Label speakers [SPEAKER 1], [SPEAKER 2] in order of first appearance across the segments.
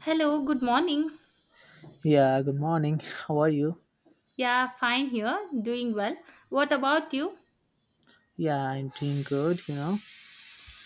[SPEAKER 1] Hello, good morning.
[SPEAKER 2] Yeah, good morning. How are you?
[SPEAKER 1] Yeah, fine here, doing well. What about you?
[SPEAKER 2] Yeah, I'm doing good, you know.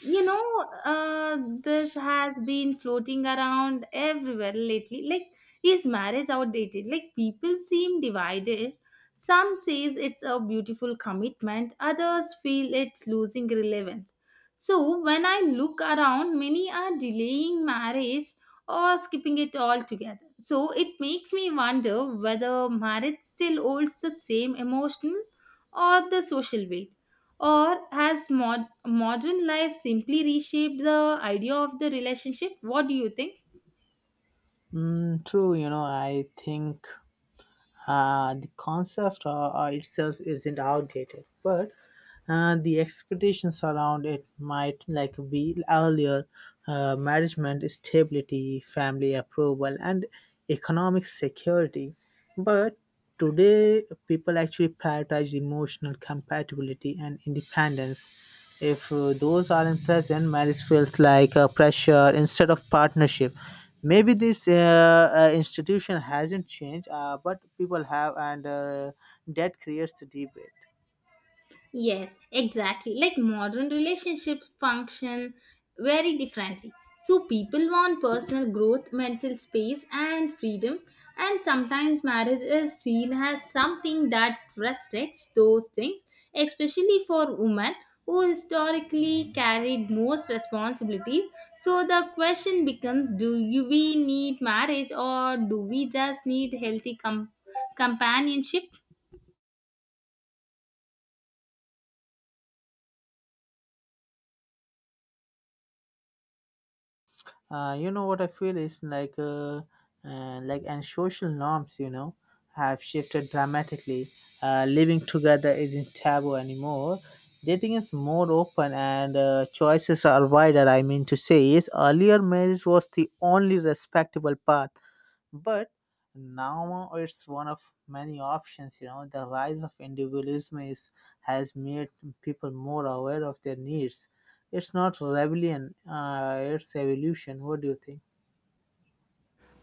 [SPEAKER 1] You know This has been floating around everywhere lately, like is marriage outdated? Like people seem divided. Some says it's a beautiful commitment, others feel it's losing relevance. So when I look around, many are delaying marriage or skipping it altogether, so it makes me wonder whether marriage still holds the same emotional or the social weight, or has modern life simply reshaped the idea of the relationship? What do you think?
[SPEAKER 2] Mm, true, you know, I think the concept itself isn't outdated, but the expectations around it might like be earlier management stability, family approval, and economic security. But today, people actually prioritize emotional compatibility and independence. If those aren't present, marriage feels like a pressure instead of partnership. Maybe this institution hasn't changed, but people have, and that creates the debate.
[SPEAKER 1] Yes, exactly. Like modern relationships function very differently. So people want personal growth, mental space, and freedom. And sometimes marriage is seen as something that restricts those things, especially for women who historically carried most responsibilities. So the question becomes, do you, we need marriage, or do we just need healthy companionship?
[SPEAKER 2] You know what I feel is like, and social norms, you know, have shifted dramatically. Living together isn't taboo anymore. Dating is more open and choices are wider. I mean to say, is earlier marriage was the only respectable path, but now it's one of many options. You know, the rise of individualism is has made people more aware of their needs. It's not rebellion, it's evolution. What do you think?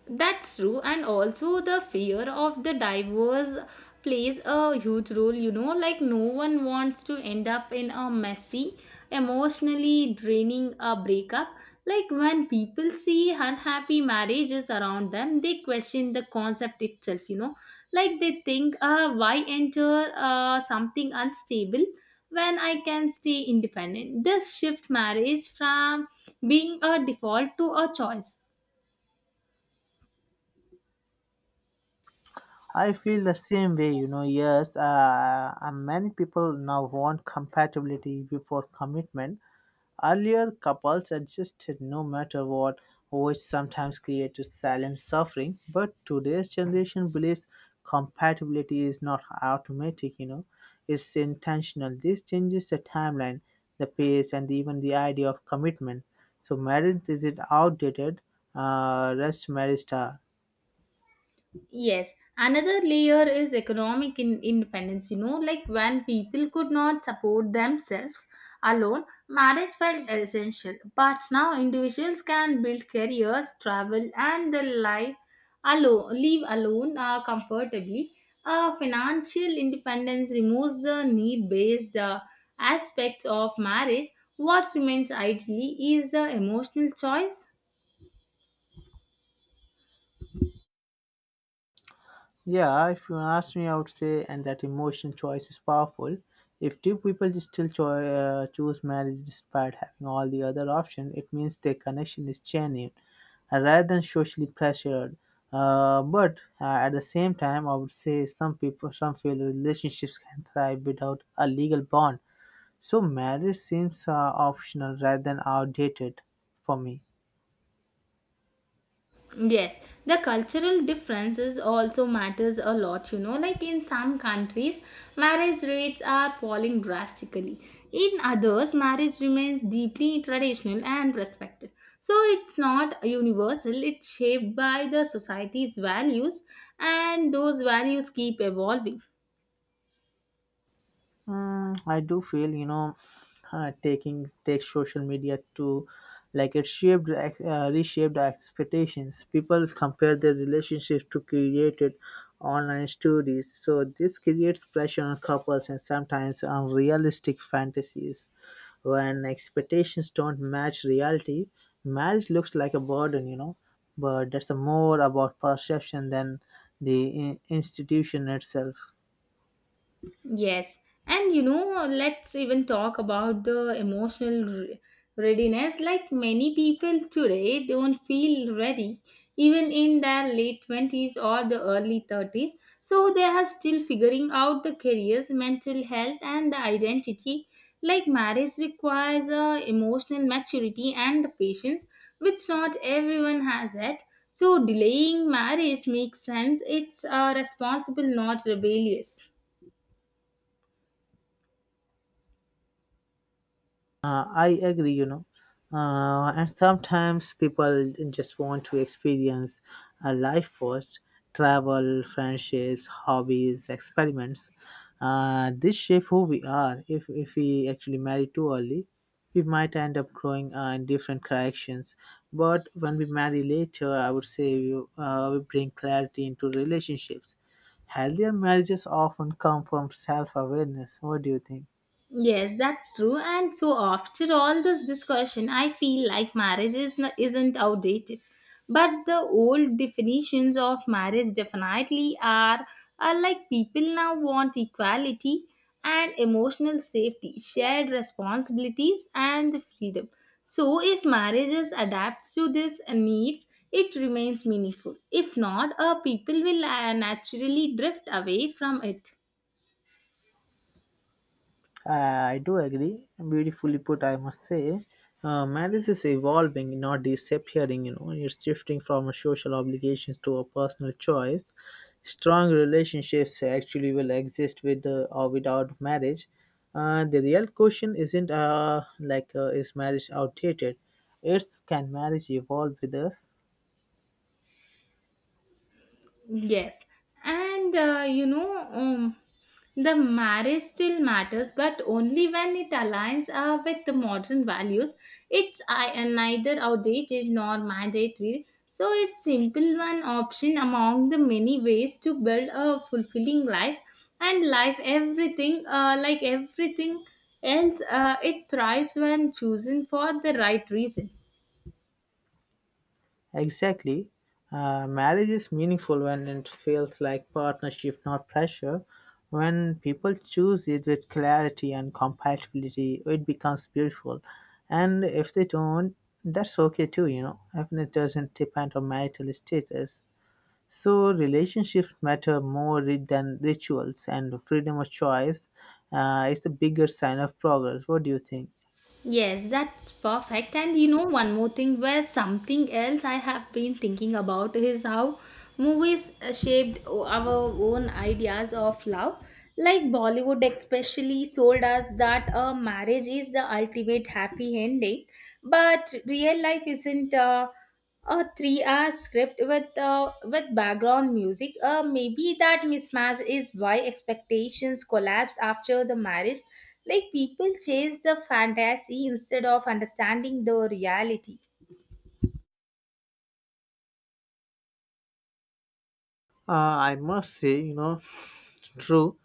[SPEAKER 1] That's true, and also the fear of the divorce plays a huge role, like no one wants to end up in a messy, emotionally draining a breakup. Like when people see unhappy marriages around them, they question the concept itself, Like they think, why enter something unstable when I can stay independent? This shift marriage from being a default to a choice.
[SPEAKER 2] I feel the same way, you know. Yes, many people now want compatibility before commitment. Earlier, couples adjusted no matter what, which sometimes created silent suffering, but today's generation believes compatibility is not automatic, you know, it's intentional. This changes the timeline, the pace, and even the idea of commitment. So, marriage, is it outdated? Rest marriage star.
[SPEAKER 1] Yes, another layer is economic independence. You know, like when people could not support themselves alone, marriage felt essential. But now individuals can build careers, travel, and the life alone, live alone comfortably. Financial independence removes the need-based aspects of marriage. What remains ideally is the emotional choice.
[SPEAKER 2] Yeah, if you ask me, I would say, and that emotional choice is powerful. If two people choose marriage despite having all the other options, it means their connection is genuine, rather than socially pressured. But at the same time, I would say some people, some feel relationships can thrive without a legal bond. So marriage seems optional rather than outdated for me.
[SPEAKER 1] Yes, the cultural differences also matters a lot, you know. Like in some countries, marriage rates are falling drastically. In others, marriage remains deeply traditional and respected. So it's not universal, it's shaped by the society's values, and those values keep evolving.
[SPEAKER 2] Mm, I do feel, you know, taking take social media to like it shaped reshaped our expectations. People compare their relationships to created online stories, so this creates pressure on couples and sometimes unrealistic fantasies. When expectations don't match reality, marriage looks like a burden, you know. But that's more about perception than the institution itself.
[SPEAKER 1] Yes, and you know, let's even talk about the emotional readiness. Like many people today don't feel ready even in their late 20s or the early 30s. So they are still figuring out the careers, mental health, and the identity. Like marriage requires emotional maturity and patience, which not everyone has it. So delaying marriage makes sense. It's responsible, not rebellious.
[SPEAKER 2] I agree, you know. And sometimes people just want to experience a life first: travel, friendships, hobbies, experiments. This shape who we are. If we actually marry too early, we might end up growing in different directions. But when we marry later, I would say we bring clarity into relationships. Healthier marriages often come from self awareness. What do you think?
[SPEAKER 1] Yes, that's true. And so, after all this discussion, I feel like marriage is isn't outdated, but the old definitions of marriage definitely are. Are like people now want equality and emotional safety, shared responsibilities, and the freedom. So, if marriages adapts to these needs, it remains meaningful. If not, people will naturally drift away from it.
[SPEAKER 2] I do agree. Beautifully put, I must say. Marriage is evolving, not disappearing, you know. It's shifting from a social obligations to a personal choice. Strong relationships actually will exist with or without marriage. The real question isn't like is marriage outdated? It's can marriage evolve with us?
[SPEAKER 1] Yes, and uh, you know, um, the marriage still matters, but only when it aligns with the modern values. It's I neither outdated nor mandatory, so it's simple one option among the many ways to build a fulfilling life. And life, everything, everything else, it thrives when chosen for the right reason.
[SPEAKER 2] Exactly. Marriage is meaningful when it feels like partnership, not pressure. When people choose it with clarity and compatibility, it becomes beautiful. And if they don't, that's okay too, you know. Even it doesn't depend on marital status. So relationships matter more than rituals, and freedom of choice is the bigger sign of progress. What do you think?
[SPEAKER 1] Yes, that's perfect. And you know, one more thing where something else I have been thinking about is how movies shaped our own ideas of love. Like Bollywood, especially, sold us that a marriage is the ultimate happy ending, but real life isn't. A 3 hour script with with background music, maybe that mismatch is why expectations collapse after the marriage. Like people chase the fantasy instead of understanding the reality.
[SPEAKER 2] I must say, you know, true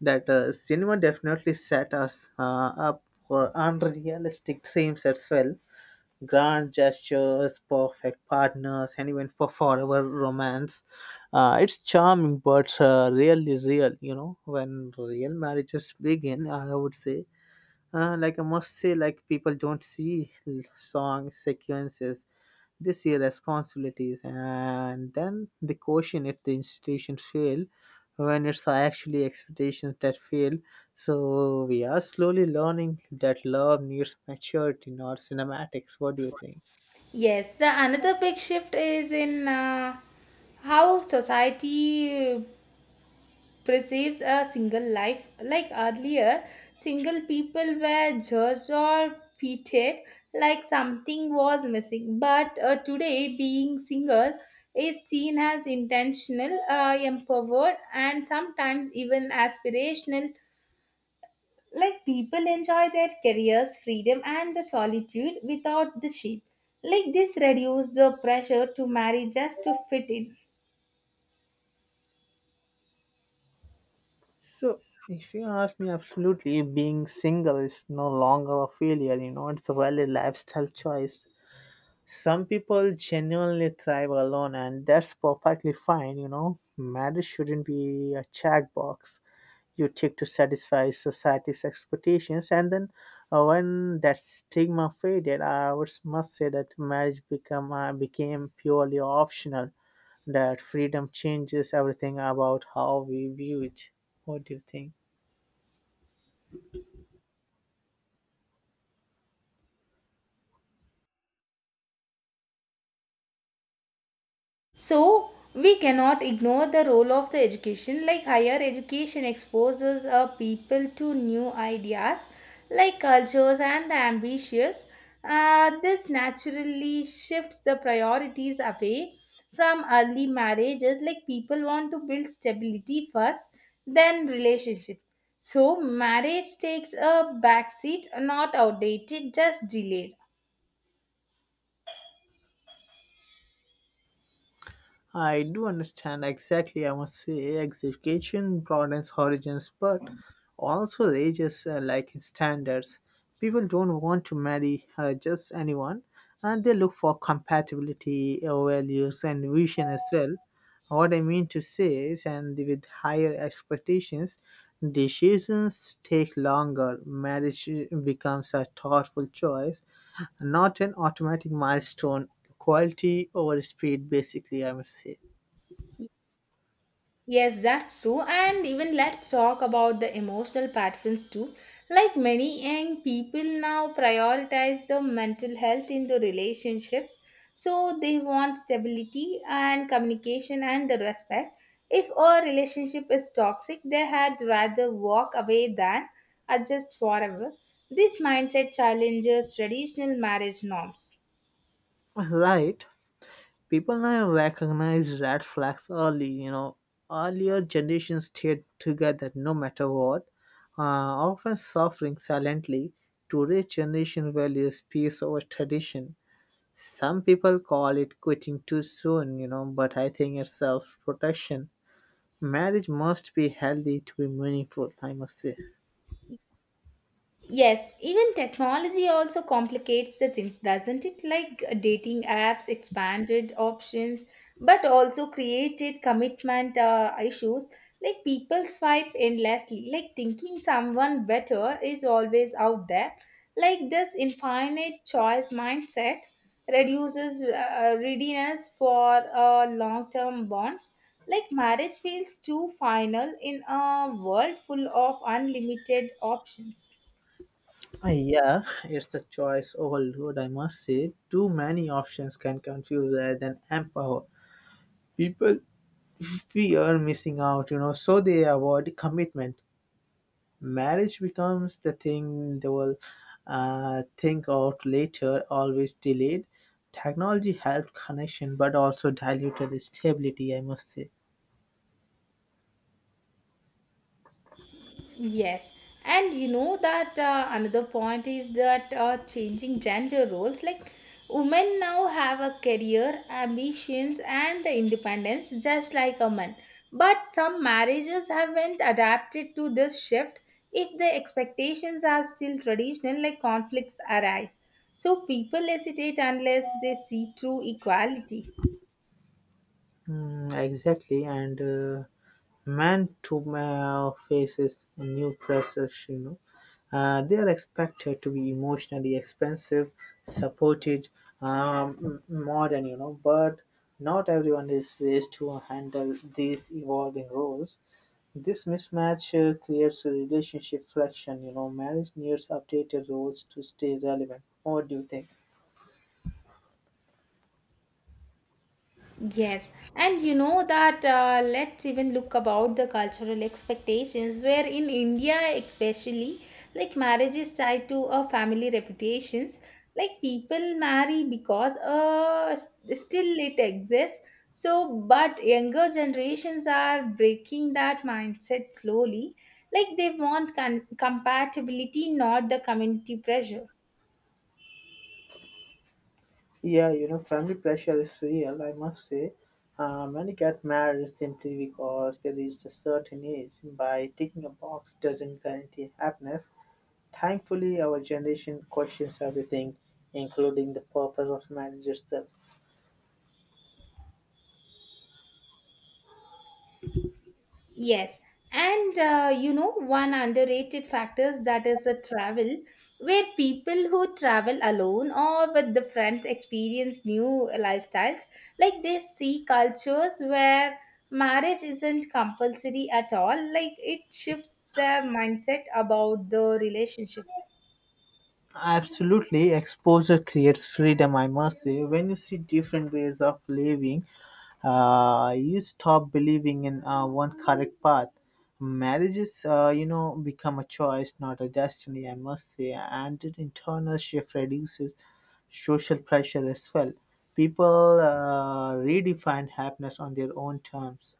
[SPEAKER 2] that cinema definitely set us up for unrealistic dreams as well. Grand gestures, perfect partners, and even for forever romance. It's charming, but really real. You know, when real marriages begin, I would say like I must say, like people don't see song sequences, they see responsibilities, and then they question if the institutions fail when it's actually expectations that fail. So we are slowly learning that love needs maturity, not cinematics. What do you think?
[SPEAKER 1] Yes, the another big shift is in how society perceives a single life. Like earlier, single people were judged or treated like something was missing. But today, being single is seen as intentional, empowered, and sometimes even aspirational. Like people enjoy their careers, freedom, and the solitude without the shame. Like this reduces the pressure to marry just to fit in.
[SPEAKER 2] So, if you ask me, absolutely, being single is no longer a failure, you know, it's a valid lifestyle choice. Some people genuinely thrive alone, and that's perfectly fine, you know. Marriage shouldn't be a checkbox you tick to satisfy society's expectations, and then when that stigma faded, I would must say that marriage become became purely optional. That freedom changes everything about how we view it. What do you think?
[SPEAKER 1] So we cannot ignore the role of the education. Like higher education exposes a people to new ideas, like cultures and the ambitious. This naturally shifts the priorities away from early marriages. Like people want to build stability first, then relationship. So marriage takes a backseat, not outdated, just delayed.
[SPEAKER 2] I do understand exactly. I must say, education broadens horizons, but also raises like standards. People don't want to marry just anyone, and they look for compatibility, values, and vision as well. What I mean to say is, and with higher expectations, decisions take longer. Marriage becomes a thoughtful choice, not an automatic milestone. Quality over speed, basically, I must say.
[SPEAKER 1] Yes, that's true. And even let's talk about the emotional patterns too. Like many young people now prioritize the mental health in the relationships. So they want stability and communication and the respect. If a relationship is toxic, they had rather walk away than adjust forever. This mindset challenges traditional marriage norms.
[SPEAKER 2] Right. People now recognize red flags early. You know, earlier generations stayed together no matter what, often suffering silently. Today's generation values peace over tradition. Some people call it quitting too soon, you know, but I think it's self protection. Marriage must be healthy to be meaningful, I must say.
[SPEAKER 1] Yes, even technology also complicates the things, doesn't it? Like dating apps expanded options, but also created commitment issues. Like people swipe endlessly, like thinking someone better is always out there. Like this infinite choice mindset reduces readiness for long-term bonds. Like marriage feels too final in a world full of unlimited options.
[SPEAKER 2] Yeah, it's a choice overload, I must say. Too many options can confuse rather than empower. People fear missing out, you know, so they avoid commitment. Marriage becomes the thing they will think out later, always delayed. Technology helped connection but also diluted stability, I must say.
[SPEAKER 1] Yes, and you know that another point is that changing gender roles, like women now have a career, ambitions, and the independence just like a man. But some marriages haven't adapted to this shift. If the expectations are still traditional, like conflicts arise. So people hesitate unless they see true equality.
[SPEAKER 2] Mm, exactly, and man to man faces new pressures, you know. They are expected to be emotionally expensive, supported, modern, you know, but not everyone is raised to handle these evolving roles. This mismatch creates a relationship friction, you know. Marriage needs updated roles to stay relevant. What do you think?
[SPEAKER 1] Yes, and you know that, let's even look about the cultural expectations, where in India especially, like marriage is tied to a family reputations. Like people marry because still it exists. So but younger generations are breaking that mindset slowly, like they want compatibility, not the community pressure.
[SPEAKER 2] Yeah, you know, family pressure is real, I must say. Many get married simply because they reached a certain age. By ticking a box doesn't guarantee happiness. Thankfully, our generation questions everything, including the purpose of marriage itself.
[SPEAKER 1] Yes, and you know, one underrated factors that is a travel, where people who travel alone or with the friends experience new lifestyles. Like they see cultures where marriage isn't compulsory at all. Like it shifts their mindset about the relationship.
[SPEAKER 2] Absolutely, exposure creates freedom. I must say, when you see different ways of living, you stop believing in one correct path. Marriages, you know, become a choice, not a destiny. I must say, and the internal shift reduces social pressure as well. People redefine happiness on their own terms.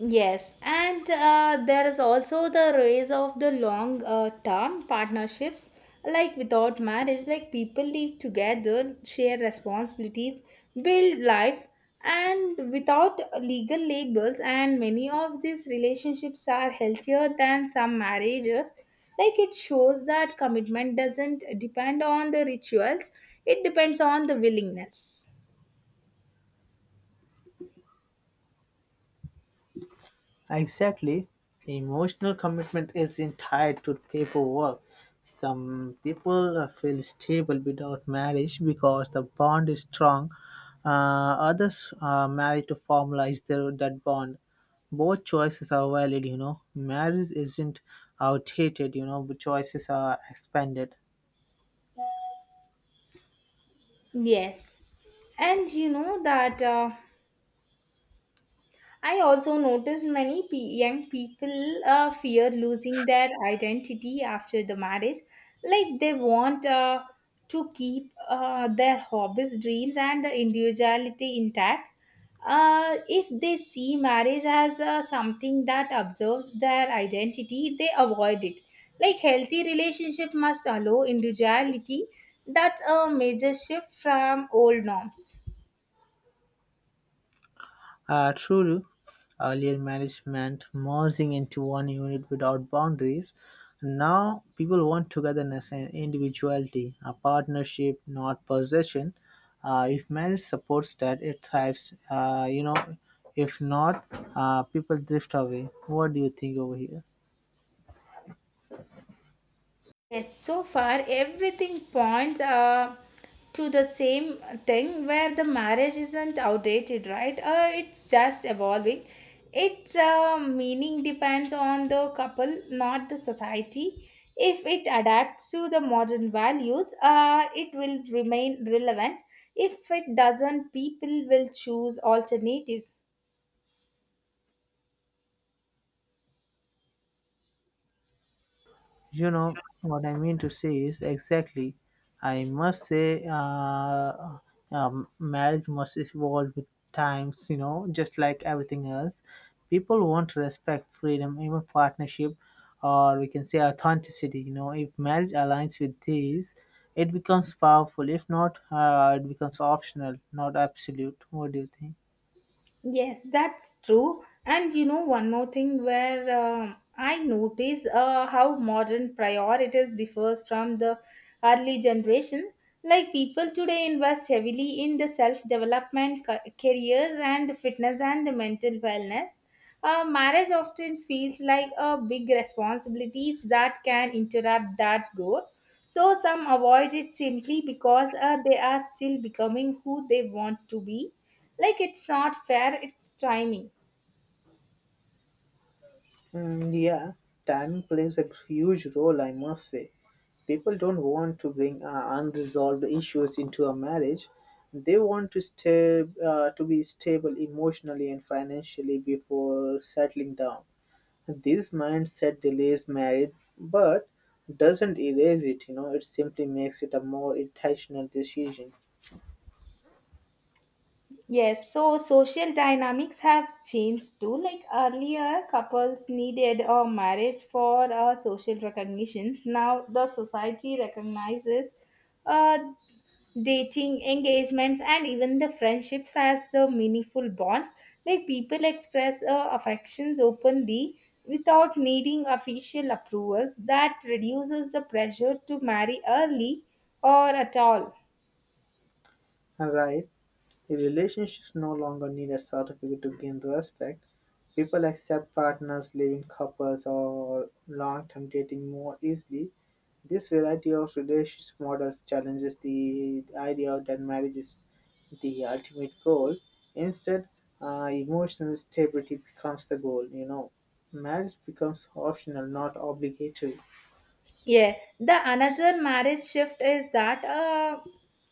[SPEAKER 1] Yes, and there is also the rise of the long term partnerships. Like without marriage, like people live together, share responsibilities, build lives, and without legal labels. And many of these relationships are healthier than some marriages. Like it shows that commitment doesn't depend on the rituals, it depends on the willingness.
[SPEAKER 2] Exactly. Emotional commitment isn't tied to paperwork. Some people feel stable without marriage because the bond is strong. Uh, Others are married to formalize their, that bond. Both choices are valid, you know. Marriage isn't outdated, you know, but choices are expanded.
[SPEAKER 1] Yes. And you know that. I also noticed many young people fear losing their identity after the marriage. Like they want to keep their hobbies, dreams, and the individuality intact. If they see marriage as something that observes their identity, they avoid it. Like healthy relationship must allow individuality. That's a major shift from old norms.
[SPEAKER 2] True, earlier marriage meant merging into one unit without boundaries. Now people want togetherness and individuality, a partnership, not possession. If marriage supports that, it thrives. You know, if not, people drift away. What do you think over here?
[SPEAKER 1] Yes, so far everything points to the same thing, where the marriage isn't outdated, right? It's just evolving. Its meaning depends on the couple, not the society. If it adapts to the modern values, it will remain relevant. If it doesn't, people will choose alternatives.
[SPEAKER 2] You know what I mean to say is exactly. I must say, marriage must evolve with times. You know, just like everything else, people want respect, freedom, even partnership, or we can say authenticity. You know, if marriage aligns with these, it becomes powerful. If not, it becomes optional, not absolute. What do you think?
[SPEAKER 1] Yes, that's true. And you know, one more thing where I notice how modern priorities differs from the early generation. Like people today invest heavily in the self development, careers, and the fitness and the mental wellness. Marriage often feels like a big responsibilities that can interrupt that growth. So some avoid it simply because they are still becoming who they want to be. Like it's not fair, it's training.
[SPEAKER 2] Mm, yeah, timing plays a huge role, I must say. People don't want to bring unresolved issues into a marriage. They want to stay to be stable emotionally and financially before settling down. This mindset delays marriage, but doesn't erase it. You know, it simply makes it a more intentional decision.
[SPEAKER 1] Yes, so social dynamics have changed too. Like earlier, couples needed a marriage for social recognitions. Now the society recognizes uh, dating, engagements, and even the friendships as the meaningful bonds. Like people express affections openly without needing official approvals. That reduces the pressure to marry early or at all.
[SPEAKER 2] Right? Relationships no longer need a certificate to gain respect. People accept partners, living couples, or long-term dating more easily. This variety of relationship models challenges the idea that marriage is the ultimate goal. Instead, emotional stability becomes the goal, you know. Marriage becomes optional, not obligatory.
[SPEAKER 1] Yeah, the another marriage shift is that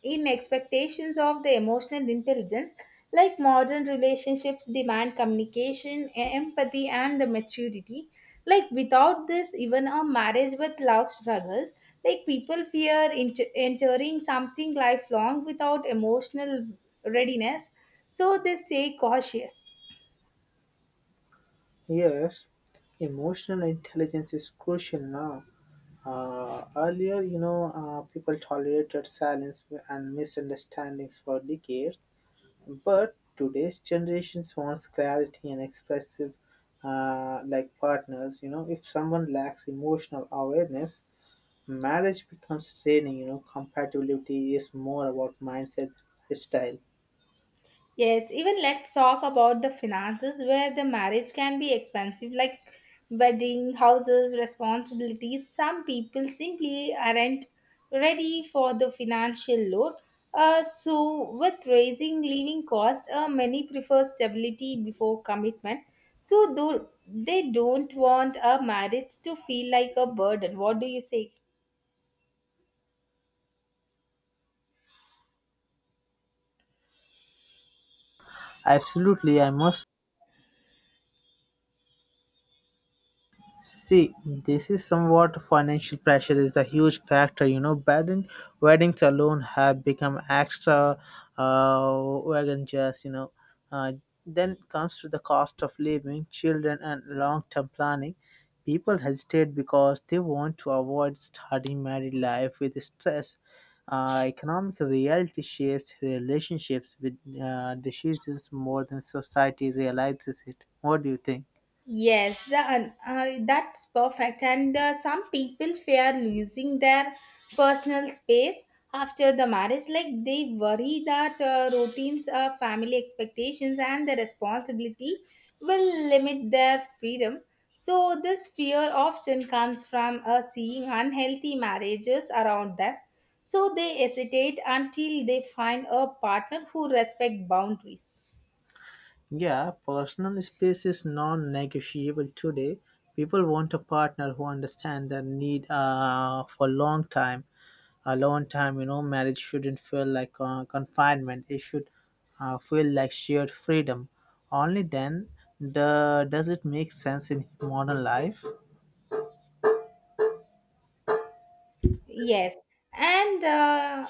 [SPEAKER 1] in expectations of the emotional intelligence, like modern relationships demand communication, empathy, and the maturity. Like without this, even a marriage with love struggles, like people fear entering something lifelong without emotional readiness, so they stay cautious.
[SPEAKER 2] Yes, emotional intelligence is crucial now. Earlier, you know, people tolerated silence and misunderstandings for decades. But today's generation wants clarity and expressive, like partners. You know, if someone lacks emotional awareness, marriage becomes draining. You know, compatibility is more about mindset, style.
[SPEAKER 1] Yes, even let's talk about the finances, where the marriage can be expensive, like wedding, houses, responsibilities. Some people simply aren't ready for the financial load. So, with raising living costs, many prefer stability before commitment. So, though they don't want a marriage to feel like a burden. What do you say?
[SPEAKER 2] Absolutely, I must see, this is somewhat financial pressure is a huge factor. You know, weddings alone have become extra wagon just, you know. Uh, then comes to the cost of living, children, and long-term planning. People hesitate because they want to avoid starting married life with stress. Economic reality shapes relationships with decisions more than society realizes it. What do you think?
[SPEAKER 1] Yes, the, that's perfect. And some people fear losing their personal space after the marriage. Like they worry that routines, family expectations, and the responsibility will limit their freedom. So, this fear often comes from seeing unhealthy marriages around them. So, they hesitate until they find a partner who respects boundaries.
[SPEAKER 2] Yeah, personal space is non negotiable today. People want a partner who understands their need for long time. A long time, you know, marriage shouldn't feel like confinement, it should feel like shared freedom. Only then the, does it make sense in modern life.
[SPEAKER 1] Yes, and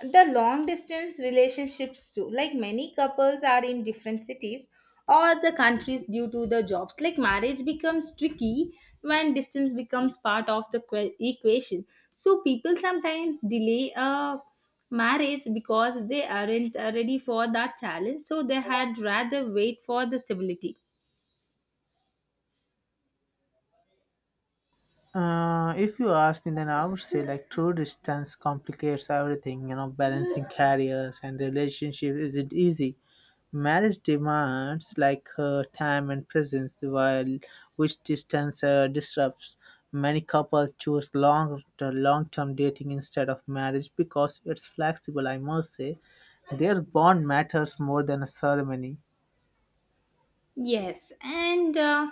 [SPEAKER 1] the long distance relationships too. Like many couples are in different cities or the countries due to the jobs. Like marriage becomes tricky when distance becomes part of the equation. So people sometimes delay a marriage because they aren't ready for that challenge. So they had rather wait for the stability.
[SPEAKER 2] If you ask me, then I would say like true distance complicates everything. You know, balancing careers and relationships isn't easy. Marriage demands like her time and presence, while which distance disrupts. Many couples choose long-term dating instead of marriage because it's flexible. I must say, their bond matters more than a ceremony.
[SPEAKER 1] Yes, and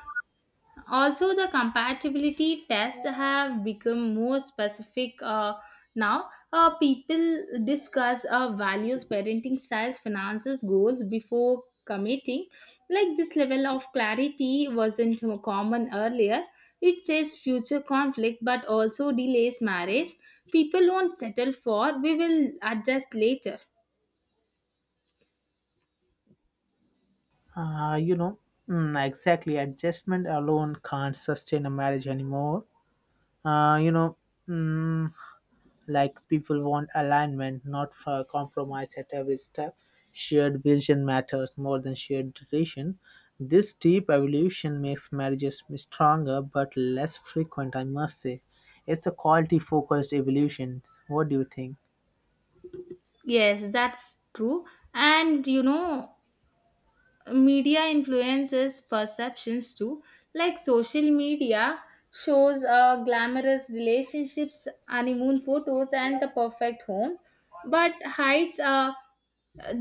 [SPEAKER 1] also the compatibility tests have become more specific now. People discuss values, parenting styles, finances, goals before committing. Like this level of clarity wasn't common earlier. It saves future conflict but also delays marriage. People won't settle for, we will adjust later.
[SPEAKER 2] You know, mm, exactly. Adjustment alone can't sustain a marriage anymore. You know. Mm, like people want alignment, not for compromise at every step. Shared vision matters more than shared duration. This deep evolution makes marriages stronger but less frequent, I must say. It's a quality focused evolution. What do you think?
[SPEAKER 1] Yes, that's true. And you know, media influences perceptions too, like social media shows glamorous relationships, honeymoon photos, and the perfect home, but hides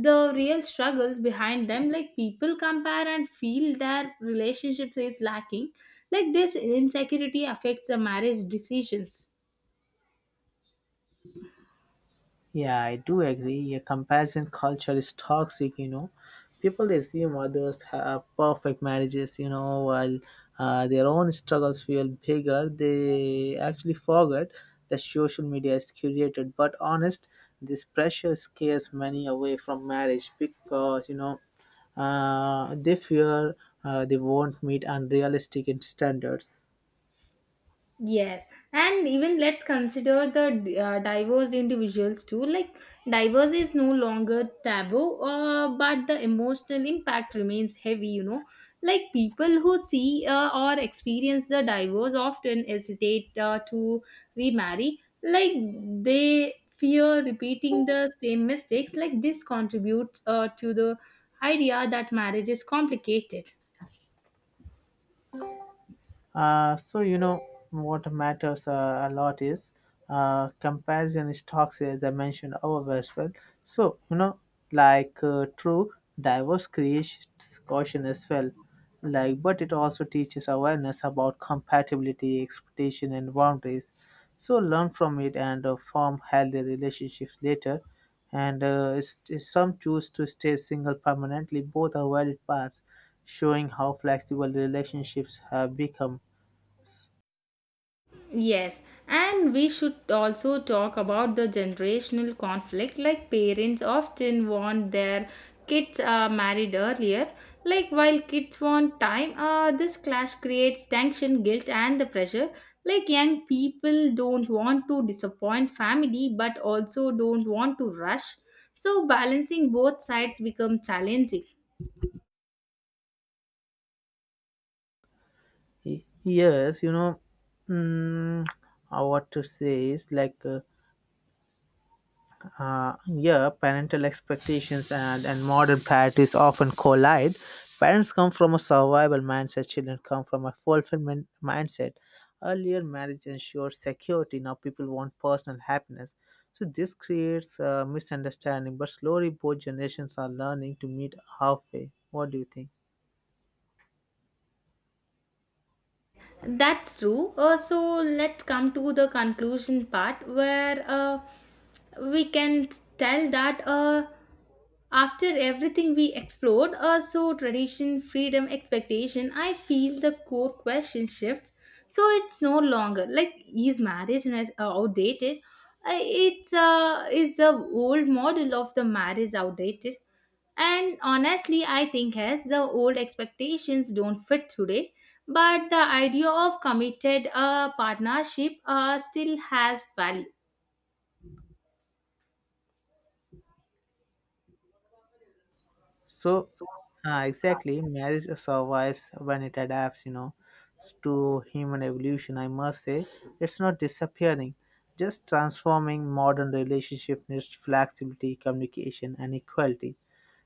[SPEAKER 1] the real struggles behind them. Like people compare and feel their relationships is lacking. Like this insecurity affects the marriage decisions.
[SPEAKER 2] Yeah, I do agree. A comparison culture is toxic, you know. People assume others have perfect marriages, you know, while their own struggles feel bigger. They actually forget that social media is curated. But honest, this pressure scares many away from marriage because, you know, they fear they won't meet unrealistic standards.
[SPEAKER 1] Yes, and even let's consider the diverse individuals too. Like, diverse is no longer taboo, but the emotional impact remains heavy, you know. Like, people who see or experience the diverse often hesitate to remarry. Like, they fear repeating the same mistakes. Like, this contributes to the idea that marriage is complicated.
[SPEAKER 2] So you know what matters a lot is comparison stocks, as I mentioned above as well. So you know, like true diverse creates caution as well. Like, but it also teaches awareness about compatibility, expectation, and boundaries. So learn from it and form healthy relationships later. And some choose to stay single permanently. Both are valid paths, showing how flexible relationships have become.
[SPEAKER 1] Yes, and we should also talk about the generational conflict. Like parents often want their kids married earlier. Like while kids want time, this clash creates tension, guilt, and the pressure. Like young people don't want to disappoint family, but also don't want to rush. So balancing both sides become challenging.
[SPEAKER 2] Yes, you know, mm, what to say is like, yeah, parental expectations and modern priorities often collide. Parents come from a survival mindset, children come from a fulfillment mindset. Earlier, marriage ensured security, now people want personal happiness. So, this creates a misunderstanding, but slowly both generations are learning to meet halfway. What do you think?
[SPEAKER 1] That's true. So let's come to the conclusion part, where we can tell that, after everything we explored, so tradition, freedom, expectation, I feel the core question shifts. So it's no longer like, is marriage outdated? It's is the old model of the marriage outdated? And honestly, I think as the old expectations don't fit today, but the idea of committed partnership still has value.
[SPEAKER 2] So, exactly, marriage survives when it adapts, you know, to human evolution. I must say, it's not disappearing, just transforming. Modern relationship needs flexibility, communication, and equality.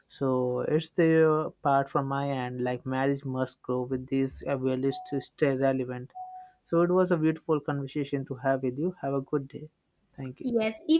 [SPEAKER 2] So it's the part from my end. Like marriage must grow with these values to stay relevant. So it was a beautiful conversation to have with you. Have a good day. Thank you.
[SPEAKER 1] Yes,